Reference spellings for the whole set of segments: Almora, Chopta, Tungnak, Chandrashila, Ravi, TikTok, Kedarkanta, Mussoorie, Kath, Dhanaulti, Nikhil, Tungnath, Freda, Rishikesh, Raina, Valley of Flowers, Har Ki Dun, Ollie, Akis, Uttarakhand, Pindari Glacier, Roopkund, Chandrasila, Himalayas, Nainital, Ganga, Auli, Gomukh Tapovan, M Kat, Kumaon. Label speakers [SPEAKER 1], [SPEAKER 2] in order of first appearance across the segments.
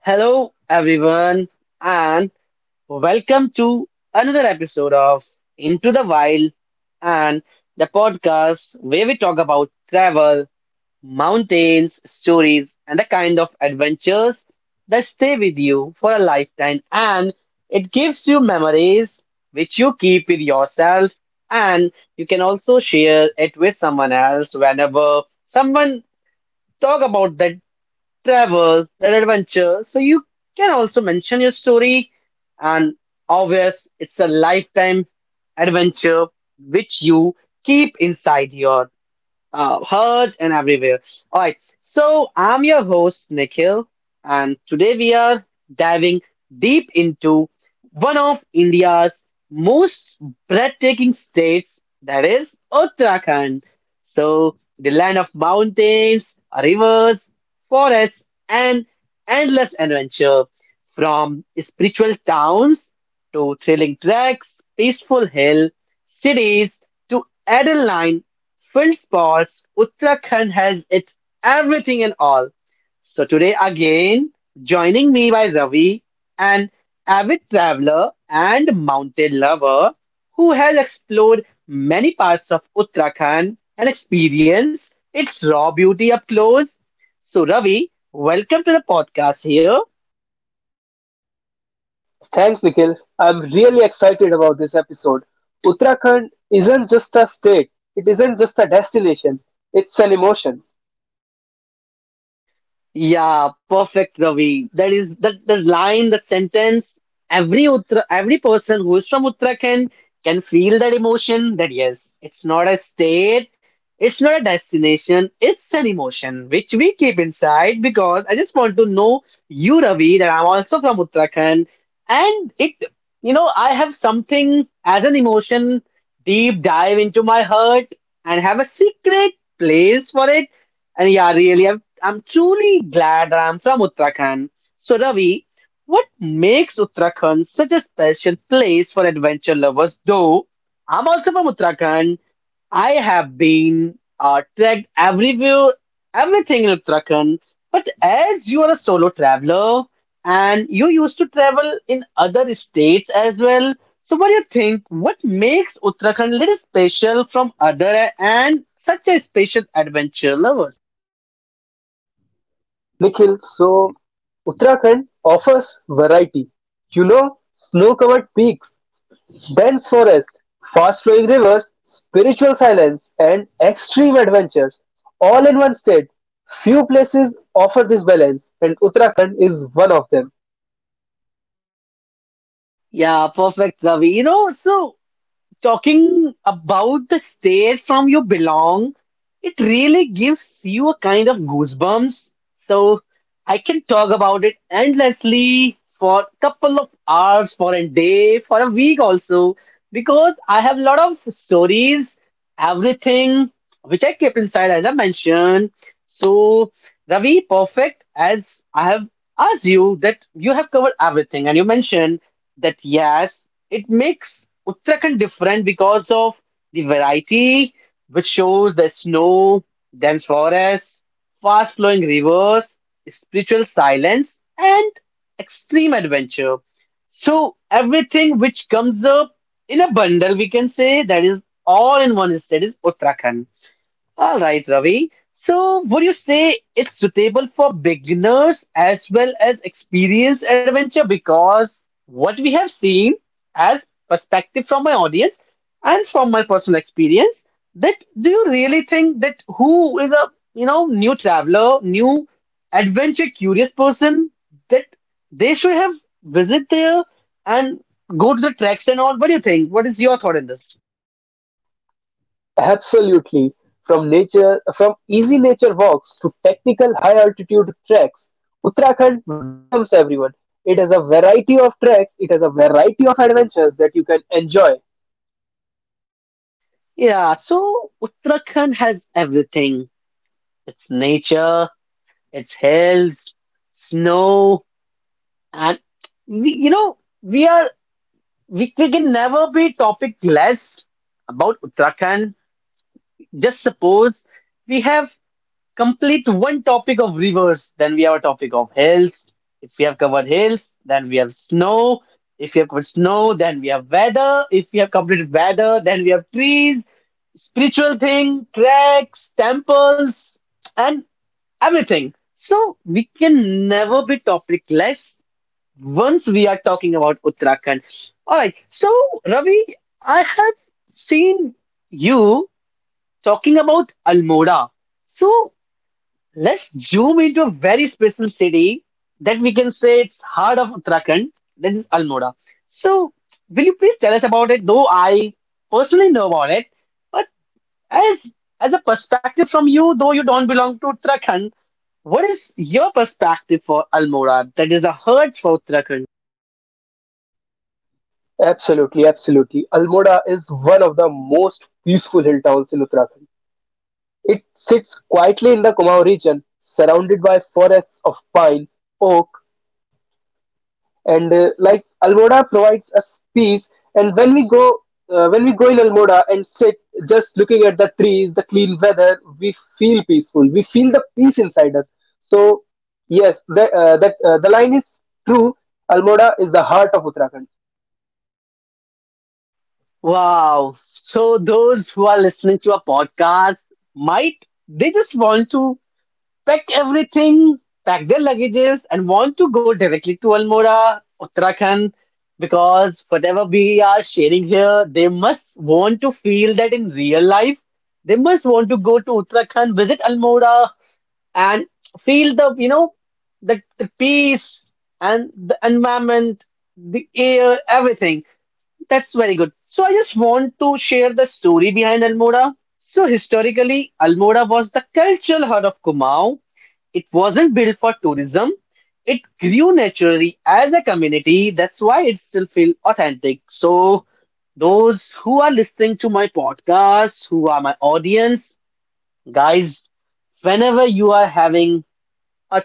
[SPEAKER 1] Hello, everyone, and welcome to another episode of Into the Wild and the podcast where we talk about travel, mountains, stories, and the kind of adventures that stay with you for a lifetime. And it gives you memories which you keep with yourself, and you can also share it with someone else whenever someone talk about that travel, that adventure. So you can also mention your story, and obvious, it's a lifetime adventure which you keep inside your heard and everywhere. All right, so I'm your host, Nikhil, and today we are diving deep into one of India's most breathtaking states, that is Uttarakhand. So, the land of mountains, rivers, forests, and endless adventure from spiritual towns to thrilling treks, peaceful hill cities to adrenaline Field sports, Uttarakhand has its everything and all. So today again, joining me by Ravi, an avid traveler and mountain lover who has explored many parts of Uttarakhand and experienced its raw beauty up close. So Ravi, welcome to the podcast here.
[SPEAKER 2] Thanks, Nikhil. I'm really excited about this episode. Uttarakhand isn't just a state, it isn't just a destination, it's an emotion.
[SPEAKER 1] Yeah, perfect, Ravi. That is the line, the sentence. Every Uttra, every person who is from Uttarakhand can feel that emotion that yes, it's not a state, it's not a destination, it's an emotion which we keep inside because I just want to know you, Ravi, that I'm also from Uttarakhand. And it, you know, I have something as an emotion deep dive into my heart and have a secret place for it. And yeah, really, I'm truly glad I'm from Uttarakhand. So, Ravi, what makes Uttarakhand such a special place for adventure lovers? Though I'm also from Uttarakhand, I have been trekked everywhere, everything in Uttarakhand. But as you are a solo traveler and you used to travel in other states as well, so what do you think? What makes Uttarakhand little special from other and such a special adventure lovers?
[SPEAKER 2] Nikhil, so Uttarakhand offers variety. You know, snow covered peaks, dense forest, fast flowing rivers, spiritual silence, and extreme adventures, all in one state. Few places offer this balance, and Uttarakhand is one of them.
[SPEAKER 1] Yeah, perfect, Ravi. You know, so talking about the state from you belong, it really gives you a kind of goosebumps. So I can talk about it endlessly for a couple of hours, for a day, for a week also, because I have a lot of stories, everything which I kept inside, as I mentioned. So, Ravi, perfect, as I have asked you that you have covered everything and you mentioned that yes, it makes Uttarakhand different because of the variety, which shows the snow, dense forests, fast flowing rivers, spiritual silence, and extreme adventure. So, everything which comes up in a bundle, we can say that is all in one state is Uttarakhand. All right, Ravi. So, would you say it's suitable for beginners as well as experienced adventure? Because what we have seen as perspective from my audience and from my personal experience, that do you really think that who is a you know new traveler, new adventure curious person that they should have visit there and go to the tracks and all? What do you think? What is your thought on this?
[SPEAKER 2] Absolutely, from nature from easy nature walks to technical high altitude treks, Uttarakhand welcomes everyone. It has a variety of treks, it has a variety of adventures that you can enjoy.
[SPEAKER 1] Yeah, so Uttarakhand has everything. It's nature, it's hills, snow, and we, you know, we are we can never be topicless about Uttarakhand. Just suppose we have complete one topic of rivers, then we have a topic of hills. If we have covered hills, then we have snow. If we have covered snow, then we have weather. If we have covered weather, then we have trees, spiritual thing, cracks, temples, and everything. So we can never be topicless once we are talking about Uttarakhand. All right. So Ravi, I have seen you talking about Almora. So let's zoom into a very special city that we can say it's heart of Uttarakhand. That is Almora. So will you please tell us about it? Though I personally know about it, but as as a perspective from you, though you don't belong to Uttarakhand, what is your perspective for Almora? That is a herd for Uttarakhand.
[SPEAKER 2] Absolutely, absolutely. Almora is one of the most peaceful hill towns in Uttarakhand. It sits quietly in the Kumaon region, surrounded by forests of pine, oak, and like Almora provides us peace, and when we go when we go in Almora and sit just looking at the trees, the clean weather, we feel peaceful, we feel the peace inside us. So yes, that that the line is true. Almora is the heart of Uttarakhand.
[SPEAKER 1] Wow. So those who are listening to a podcast might they just want to pack everything, pack their luggages, and want to go directly to Almora, Uttarakhand, because whatever we are sharing here, they must want to feel that in real life. They must want to go to Uttarakhand, visit Almora, and feel the you know the peace and the environment the air everything. That's very good. So I just want to share the story behind Almora. So historically, Almora was the cultural heart of Kumau. It wasn't built for tourism. It grew naturally as a community. That's why it still feels authentic. So those who are listening to my podcast, who are my audience, guys, whenever you are having a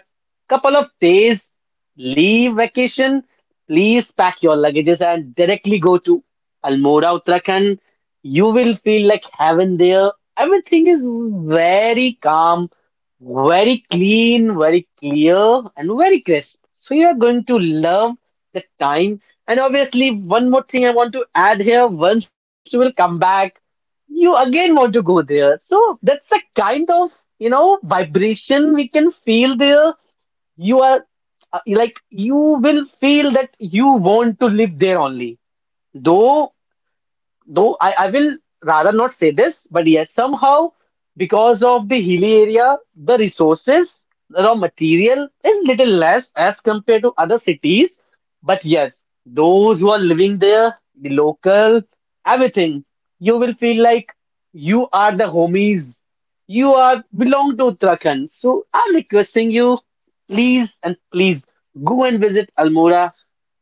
[SPEAKER 1] couple of days leave vacation, please pack your luggages and directly go to Almora, Uttarakhand. You will feel like heaven there. Everything is very calm, very clean, very clear, and very crisp. So you are going to love the time. And obviously, one more thing I want to add here once you will come back, you again want to go there. So that's a kind of, you know, vibration we can feel there. You are like you will feel that you want to live there only, though though I will rather not say this, but yes, somehow because of the hilly area, the resources, the raw material is little less as compared to other cities. But yes, those who are living there, the local, everything, you will feel like you are the homies. You are belong to Uttarakhand. So I'm requesting you, please and please go and visit Almora.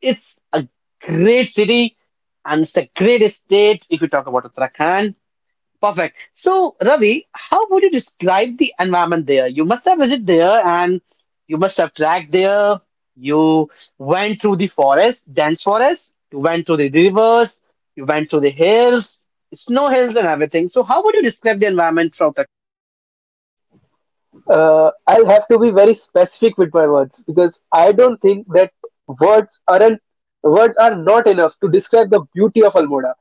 [SPEAKER 1] It's a great city and it's a great state if you talk about Uttarakhand. Perfect. So, Ravi, how would you describe the environment there? You must have visited there and you must have tracked there. You went through the forest, dense forest, you went through the rivers, you went through the hills, snow hills, and everything. So, how would you describe the environment from Uttarakhand?
[SPEAKER 2] I'll have to be very specific with my words because I don't think that words aren't words are not enough to describe the beauty of Almora.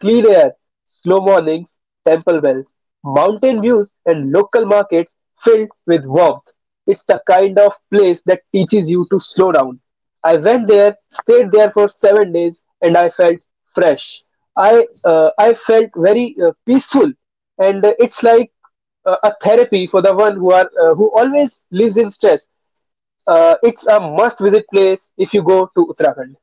[SPEAKER 2] Clean air, slow mornings, temple bells, mountain views, and local markets filled with warmth. It's the kind of place that teaches you to slow down. I went there, stayed there for 7 days, and I felt fresh. I felt very peaceful, and it's like a therapy for the one who are who always lives in stress. It's a must-visit place if you go to Uttarakhand.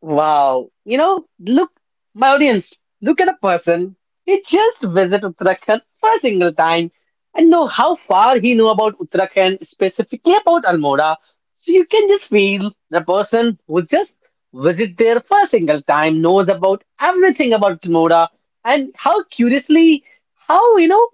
[SPEAKER 1] Wow. You know, look, my audience, look at a person. He just visited Uttarakhand for a single time and know how far he knew about Uttarakhand, specifically about Almora. So you can just feel the person who just visit there for a single time knows about everything about Almora and how curiously, how, you know,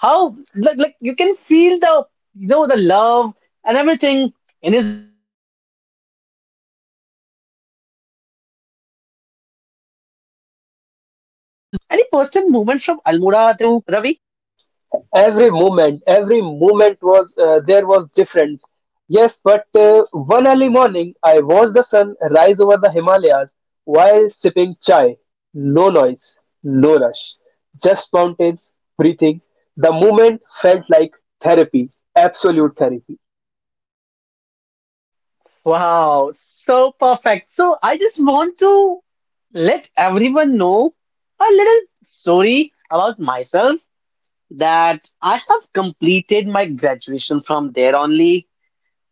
[SPEAKER 1] how like you can feel the you know the love and everything in his voice and everything. So wow, what a city it is. So any personal moments from Almora that stayed with you, Ravi?
[SPEAKER 2] Every moment was there was different. Yes, but one early morning, I watched the sun rise over the Himalayas while sipping chai. No noise, no rush, just mountains, breathing. The moment felt like therapy, absolute therapy.
[SPEAKER 1] Wow, so perfect. So I just want to let everyone know a little story about myself that I have completed my graduation from there only.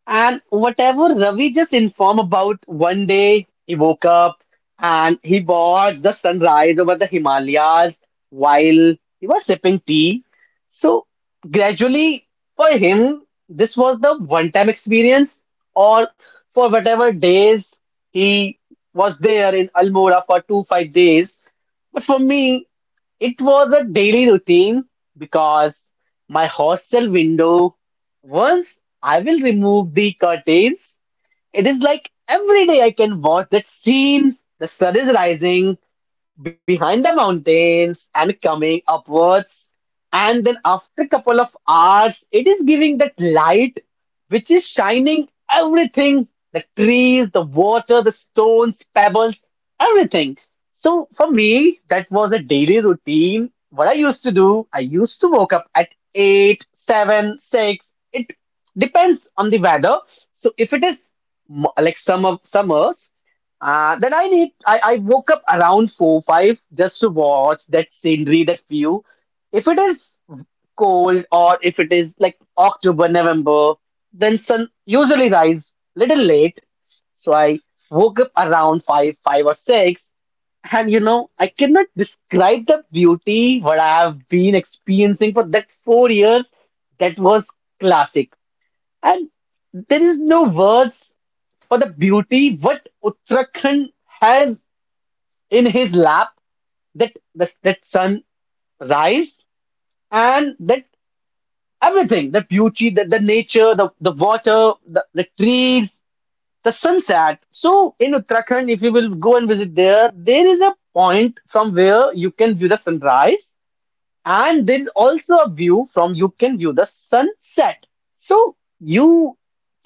[SPEAKER 1] And whatever Ravi just informed about, one day he woke up and he watched the sunrise over the Himalayas while he was sipping tea. So gradually, for him, this was the one-time experience, or for whatever days he was there in Almora for two, 5 days. But for me, it was a daily routine because my hostel window, once I will remove the curtains, it is like every day I can watch that scene. The sun is rising behind the mountains and coming upwards. And then after a couple of hours, it is giving that light which is shining everything the trees, the water, the stones, pebbles, everything. So for me, that was a daily routine. What I used to do, I used to wake up at eight, seven, six. It depends on the weather. So if it is like summer summers. Then I woke up around four five just to watch that scenery, that view. If it is cold or if it is like October, November, then sun usually rise little late. So I woke up around five, five or six, and you know I cannot describe the beauty what I have been experiencing for that 4 years. That was classic. And there is no words for the beauty what Uttarakhand has in his lap that sunrise and that everything the beauty the nature the water the trees the sunset. So in Uttarakhand, if you will go and visit there, there is a point from where you can view the sunrise. And there is also a view from you can view the sunset. So you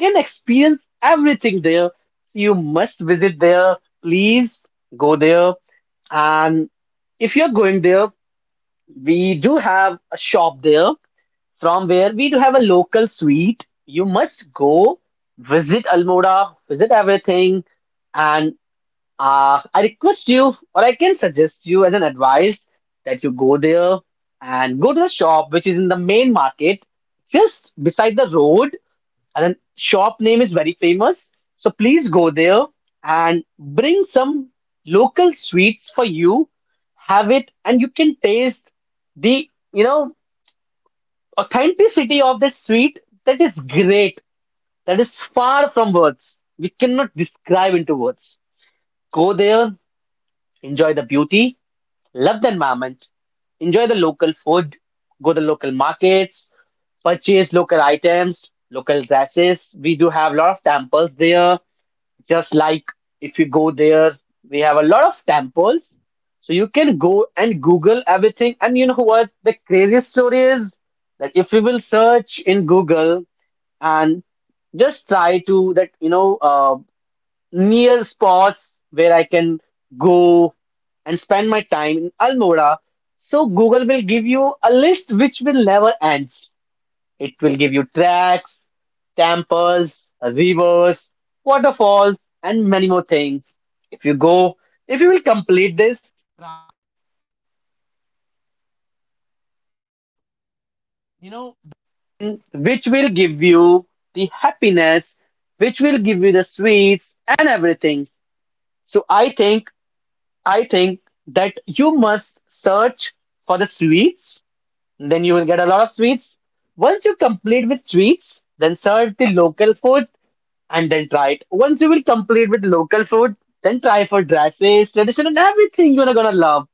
[SPEAKER 1] can experience everything there. So you must visit there. Please go there. And if you're going there, we do have a shop there from where we do have a local sweet. You must go visit Almora, visit everything, and I request you, or I can suggest you as an advice that you go there and go to the shop which is in the main market, just beside the road. And then shop name is very famous. So please go there and bring some local sweets for you. Have it, and you can taste the, you know, authenticity of that sweet. That is great. That is far from words. We cannot describe into words. Go there, enjoy the beauty. Love the environment, enjoy the local food, go to local markets, purchase local items, local dresses. We do have a lot of temples there. Just like if you go there, we have a lot of temples. So you can go and Google everything. And you know what? The craziest story is that if you will search in Google and just try to that near spots where I can go and spend my time in Almora. So Google will give you a list which will never ends. It will give you tracks, temples, rivers, waterfalls, and many more things. If you go, if you will complete, I think I think that you must search for the sweets, then you will get a lot of sweets. Once you complete with sweets, then search the local food and then try it. Once you will complete with local food, then try for dresses, tradition, and everything you're gonna love.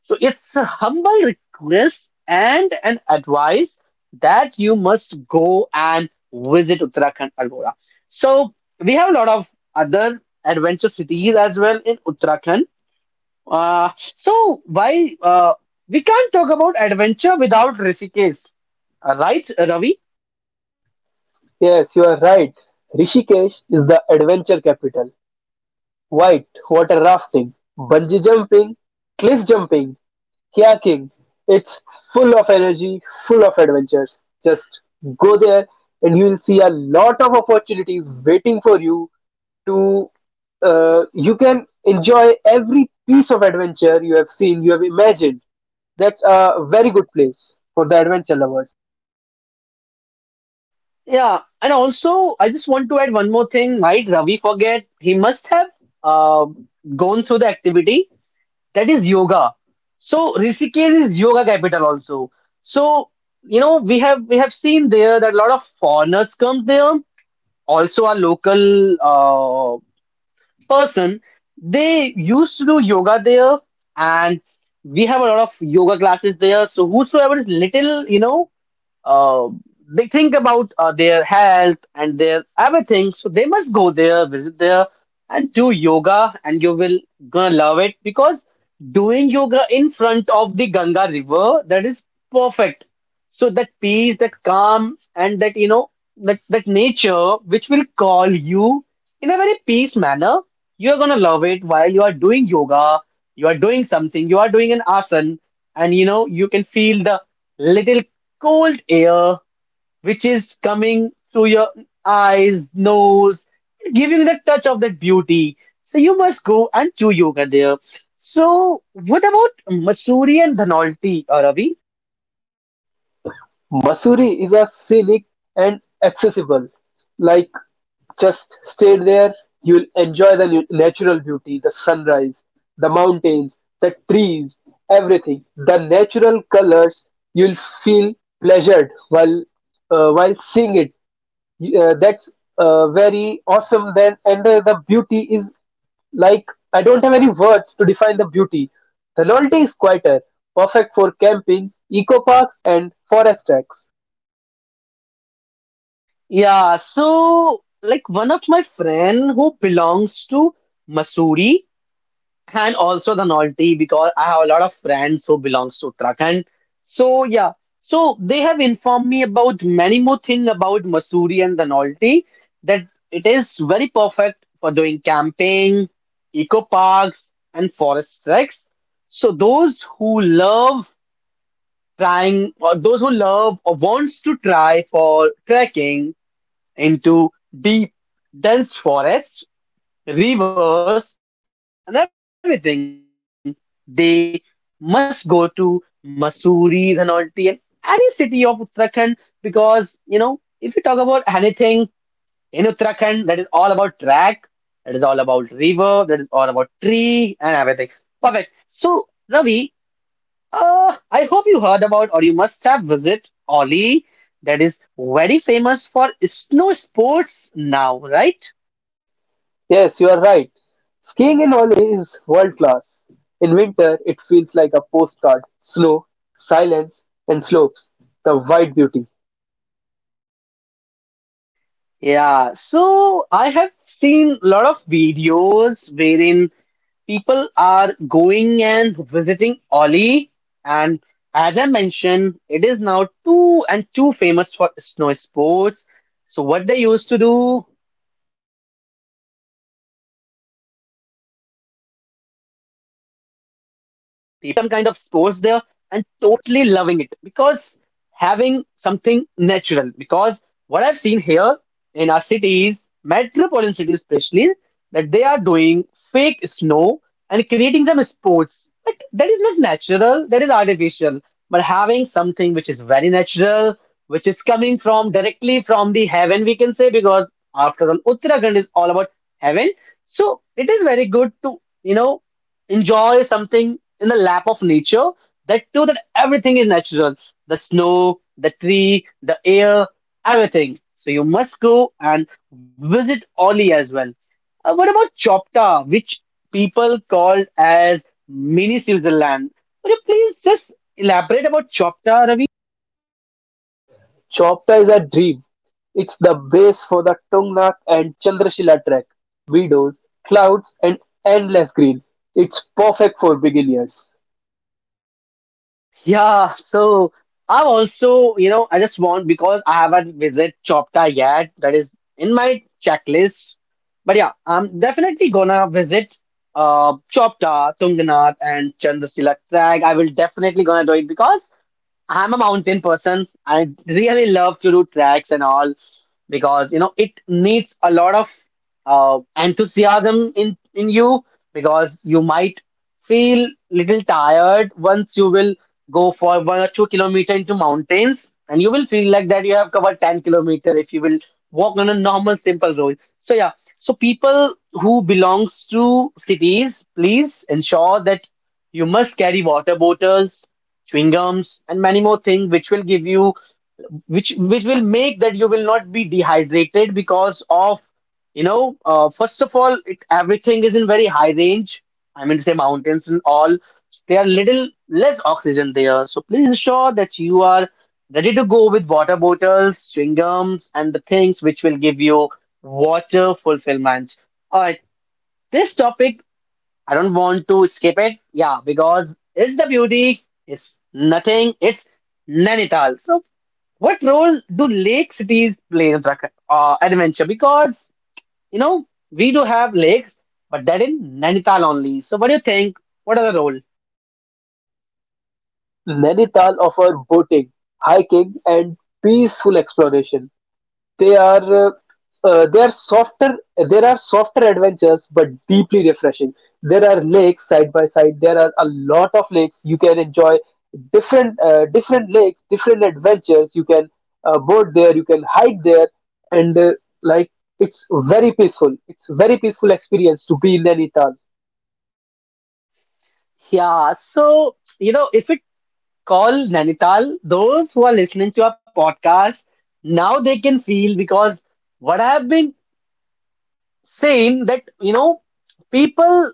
[SPEAKER 1] So it's a humble request and an advice that you must go and visit Uttarakhand Almora. So we have a lot of other adventure cities as well in Uttarakhand. So why we can't talk about adventure without Rishikesh, right, Ravi?
[SPEAKER 2] Yes, you are right. Rishikesh is the adventure capital. White water rafting, bungee jumping, cliff jumping, kayaking. It's full of energy, full of adventures. Just go there and you will see a lot of opportunities waiting for you to you can enjoy every piece of adventure you have seen, you have imagined. That's a very good place for the adventure lovers.
[SPEAKER 1] Yeah, and also I just want to add one more thing. Might Ravi forget? He must have uh, gone through the activity that is yoga. So Rishikesh is yoga capital also. So you know we have seen there that a lot of foreigners come there. Also, our local person. They used to do yoga there, and we have a lot of yoga classes there. So whosoever is little, uh, they think about their health and their everything, so they must go there, visit there, and do yoga, and you will gonna love it because doing yoga in front of the Ganga River that is perfect. So that peace, that calm, and that that that nature which will call you in a very peace manner. You are gonna love it while you are doing yoga. You are doing something. You are doing an asana, and you can feel the little cold air which is coming through your eyes, nose, giving the touch of that beauty. So you must go and do yoga there. So what about Mussoorie and Dhanolti, Ravi?
[SPEAKER 2] Mussoorie is a scenic and accessible. Like just stay there, you'll enjoy the natural beauty, the sunrise, the mountains, the trees, everything. The natural colors, you'll feel pleasured while seeing it. That's very awesome. Then and the beauty is like I don't have any words to define the beauty. The Loyalty is quieter, perfect for camping, eco parks, and forest tracks.
[SPEAKER 1] Yeah, so like one of my friend who belongs to Mussoorie, and also the naughty because I have a lot of friends who belongs to Uttarakhand. So yeah, so they have informed me about many more thing about Mussoorie and the naughty that it is very perfect for doing camping, eco parks, and forest treks. So those who love trying, or those who love or wants to try for trekking into deep dense forests rivers, and everything, they must go to Mussoorie, Dhanaulti, and any city of Uttarakhand because you know if you talk about anything in Uttarakhand, that is all about track, that is all about river, that is all about tree and everything. Perfect. So Ravi, I hope you heard about or you must have visit Oli, that is very famous for snow sports now, right?
[SPEAKER 2] Yes, you are right. Skiing in Ollie is world class. In winter, it feels like a postcard snow, silence, and slopes. The white beauty.
[SPEAKER 1] Yeah, so I have seen a lot of videos wherein people are going and visiting Oli, and as I mentioned, it is now too and too famous for snow sports. So what they used to do, people are going there, enjoying snow, doing some kind of sports there and totally loving it because having something natural, because what I've seen here in our cities, metropolitan cities especially, that they are doing fake snow and creating some sports, but that is not natural, that is artificial, but having something which is very natural, which is coming from directly from the heaven we can say, because after all Uttarakhand is all about heaven. So it is very good to you know, enjoy something in the lap of nature. That too, that everything is natural. The snow, the tree, the air, everything. So you must go and visit Oli as well. What about Chopta, which people call as mini Switzerland? Could you please just elaborate about Chopta?
[SPEAKER 2] Chopta is a dream. It's the base for the Tungnak and Chandrashila trek. Meadows, clouds, and endless green. It's perfect for beginners.
[SPEAKER 1] Yeah, so I've also, I just want because I haven't visited Chopta yet, that is in my checklist. But yeah, I'm definitely gonna visit Chopta, Tungnath, and Chandrasila Crag. I will definitely gonna do it because I'm a mountain person. I really love to do tracks and all because you know it needs a lot of enthusiasm in you, because you might feel little tired once you will go for 1 or 2 kilometer into mountains, and you will feel like that you have covered 10-kilometer if you will walk on a normal simple road. So yeah, so people who belongs to cities, please ensure that you must carry water bottles, chewing gums, and many more things which will give you which will make that you will not be dehydrated because of first of all it, everything is in very high range, I mean say mountains and all, there are little less oxygen there, so please ensure that you are ready to go with water bottles, chewing gums, and the things which will give you water fulfillment. All right, this topic I don't want to skip it. Yeah, because it's the beauty. It's nothing. It's Nainital. So, what role do lake cities play in Uttarakhand adventure? Because you know we do have lakes, but that in Nainital only. So, what do you think? What are the role?
[SPEAKER 2] Nainital offers boating, hiking, and peaceful exploration. They are uh, they are softer. There are softer adventures, but deeply refreshing. There are lakes side by side. There are a lot of lakes. You can enjoy different lakes, different adventures. You can boat there. You can hike there, and like it's very peaceful. It's very peaceful experience to be in Nainital.
[SPEAKER 1] Yeah. So, you know, if we call Nainital, those who are listening to our podcast now they can feel because what I have been same, that you know people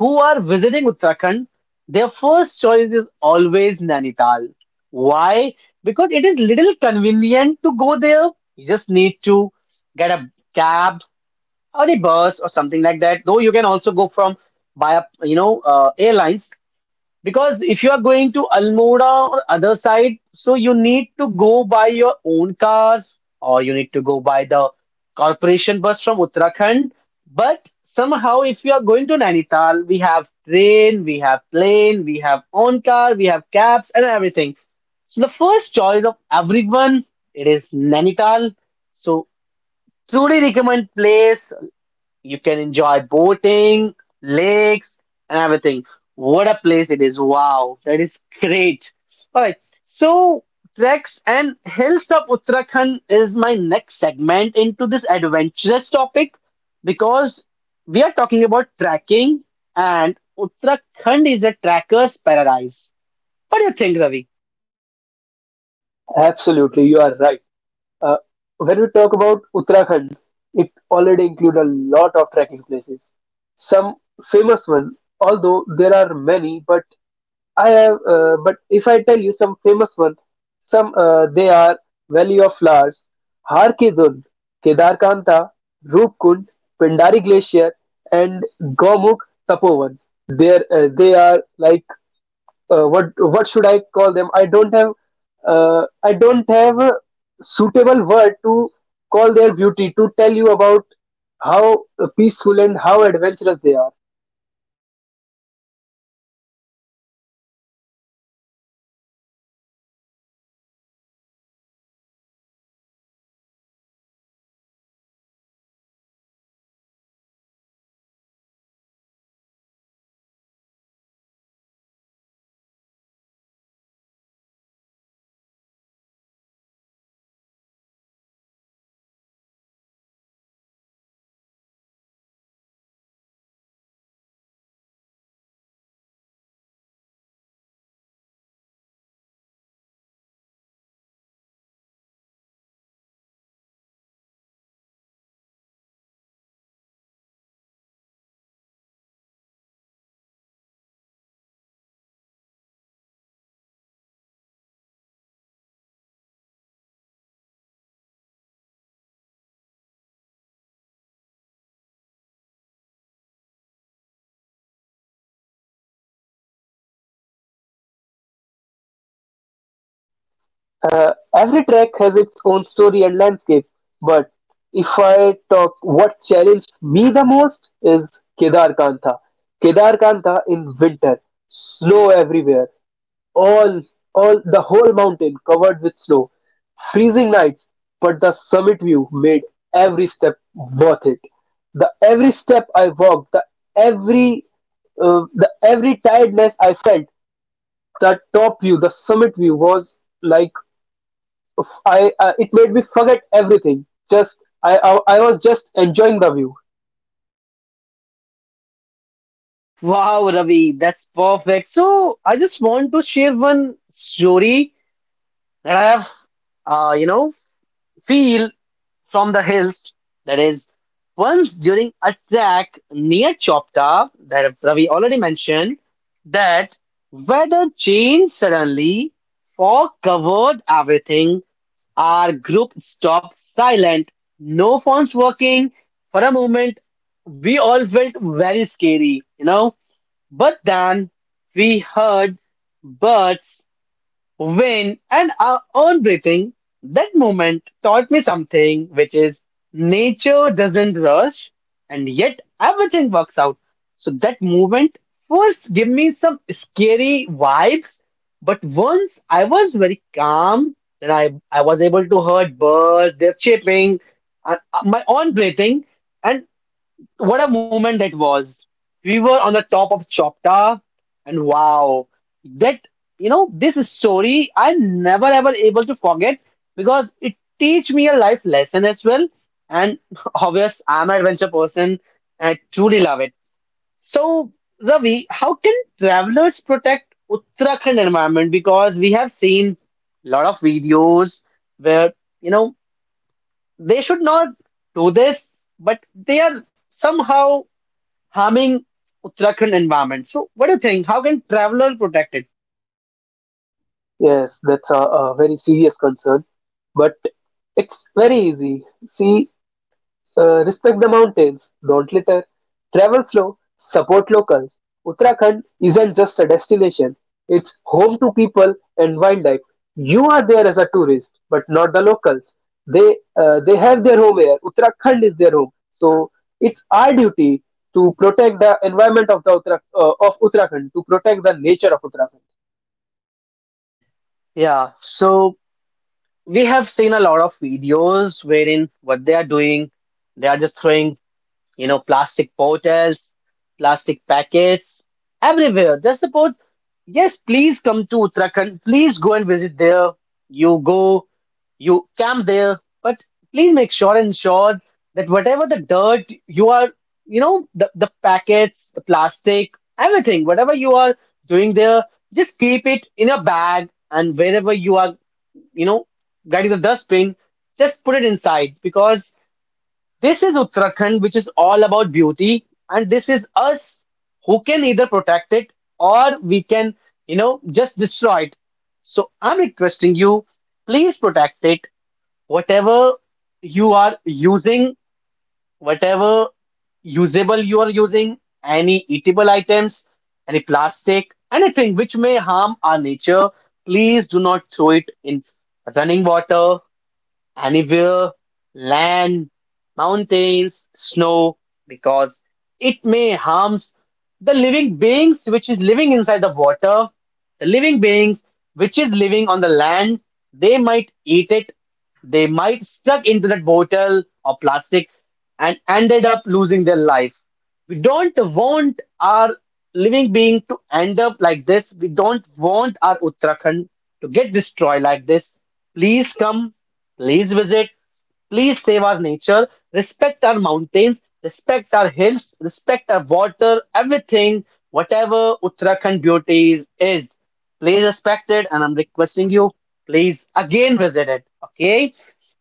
[SPEAKER 1] who are visiting Uttarakhand, their first choice is always Nainital. Why? Because it is little convenient to go there. You just need to get a cab or a bus or something like that. Though you can also go from via airlines, because if you are going to Almora or other side, so you need to go by your own car or you need to go by the corporation bus from Uttarakhand. But somehow, if you are going to Nainital, we have train, we have plane, we have own car, we have cabs and everything. So the first choice of everyone, it is Nainital. So truly recommend place. You can enjoy boating, lakes, and everything. What a place it is. Wow, that is great. All right. So, treks and hills of Uttarakhand is my next segment into this adventurous topic, because we are talking about trekking and Uttarakhand is a trekker's paradise. What do you think, Ravi?
[SPEAKER 2] Absolutely, you are right. Uh, when we talk about Uttarakhand, it already includes a lot of trekking places. Some famous one, although there are many, but I have. But if I tell you some famous one, some they are Valley of Flowers, Har Ki Dun, Kedarkanta, Roopkund, Pindari Glacier, and Gomukh Tapovan. There They are like what should I call them? I don't have a suitable word to call their beauty to tell you about how peaceful and how adventurous they are. Every track has its own story and landscape, but if I talk, what challenged me the most is Kedar Kantha. Kedar Kantha in winter, snow everywhere. All, the whole mountain covered with snow. Freezing nights, but the summit view made every step worth it. The every step I walked, every, the every tiredness I felt, the top view, the summit view was like I. It made me forget everything. Just I was just enjoying the view.
[SPEAKER 1] Wow, Ravi, that's perfect. So, I just want to share one story that I have, uh, you know, feel from the hills. That is, once during attack near Chopta, that Ravi already mentioned, that weather changed suddenly, fog covered everything. Our group stopped silent, no phones working. For a moment, we all felt very scary. But then we heard birds when and our own breathing. That moment taught me something, which is nature doesn't rush and yet everything works out. So that moment first gave me some scary vibes, but once I was very calm, then I was able to hear birds, they're chirping, my own breathing. And what a moment that was. We were on the top of Chopta, and wow, that this story I never ever able to forget, because it teach me a life lesson as well. And obvious, I'm an adventure person and I truly love it. So, Ravi, how can travelers protect Uttarakhand environment? Because we have seen a lot of videos where, you know, they should not do this, but they are somehow harming Uttarakhand environment. So, what do you think? How can traveler protect it?
[SPEAKER 2] Yes, that's a very serious concern, but it's very easy. See, respect the mountains, don't litter, travel slow, support locals. Uttarakhand isn't just a destination, it's home to people and wildlife. You are there as a tourist, but not the locals. They have their home here. Uttarakhand is their home, so it's our duty to protect the environment of the of Uttarakhand, to protect the nature of Uttarakhand.
[SPEAKER 1] Yeah, so we have seen a lot of videos wherein what they are doing, they are just throwing, plastic bottles, plastic packets everywhere. Just suppose, yes, please come to Uttarakhand. Please go and visit there. You go, you camp there, but please make sure and ensure that whatever the dirt you are, the, packets, the plastic, everything, whatever you are doing there, just keep it in a bag, and wherever you are, you know, getting the dustbin, just put it inside, because this is Uttarakhand, which is all about beauty, and this is us who can either protect it or we can, just destroy it. So I'm requesting you, please protect it, whatever you are using, whatever usable you are using, any eatable items, any plastic, anything which may harm our nature, please do not throw it in running water, anywhere, land, mountains, snow, because it may harms the living beings which is living inside the water, the living beings which is living on the land. They might eat it. They might stuck into that bottle or plastic and ended up losing their life. We don't want our living being to end up like this. We don't want our Uttarakhand to get destroyed like this. Please come, please visit, please save our nature, respect our mountains, respect our hills, respect our water, everything, whatever Uttarakhand beauties is. Please respect it, and I'm requesting you, please again visit it. Okay?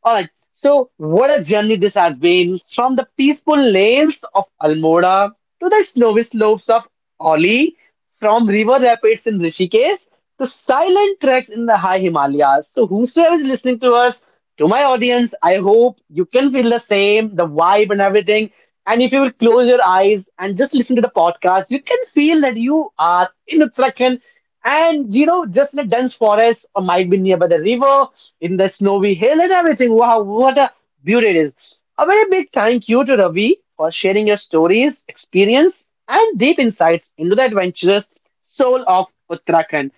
[SPEAKER 1] All right. So, what a journey this has been, from the peaceful lanes of Almora to the snowy slopes of Oli, from river rapids in Rishikesh to silent treks in the high Himalayas. So, whosoever is listening to us, to my audience, I hope you can feel the same, the vibe and everything. And if you will close your eyes and just listen to the podcast, you can feel that you are in Uttarakhand, and just in a dense forest, or might be nearby the river, in the snowy hill, and everything. Wow, what a beauty it is! A very big thank you to Ravi for sharing your stories, experience, and deep insights into the adventurous soul of Uttarakhand.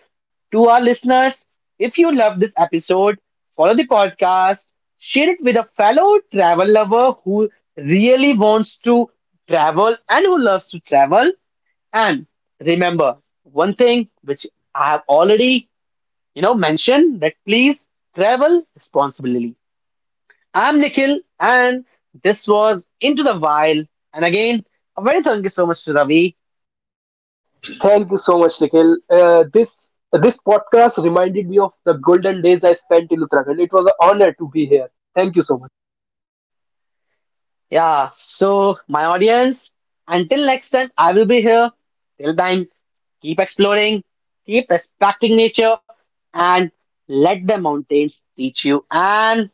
[SPEAKER 1] To our listeners, if you love this episode, follow the podcast, share it with a fellow travel lover who really wants to travel and who loves to travel. And remember one thing which I have already, mentioned, that please travel responsibly. I'm Nikhil, and this was Into the Wild. And again, a very thank you so much to Ravi.
[SPEAKER 2] Thank you so much, Nikhil. This podcast reminded me of the golden days I spent in Uttarakhand. It was an honor to be here. Thank you so much.
[SPEAKER 1] Yeah, so my audience, until next time, I will be here. Till then, keep exploring, keep respecting nature, and let the mountains teach you. And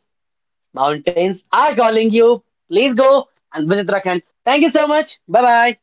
[SPEAKER 1] mountains are calling you. Please go and visit Uttarakhand. Thank you so much. Bye bye.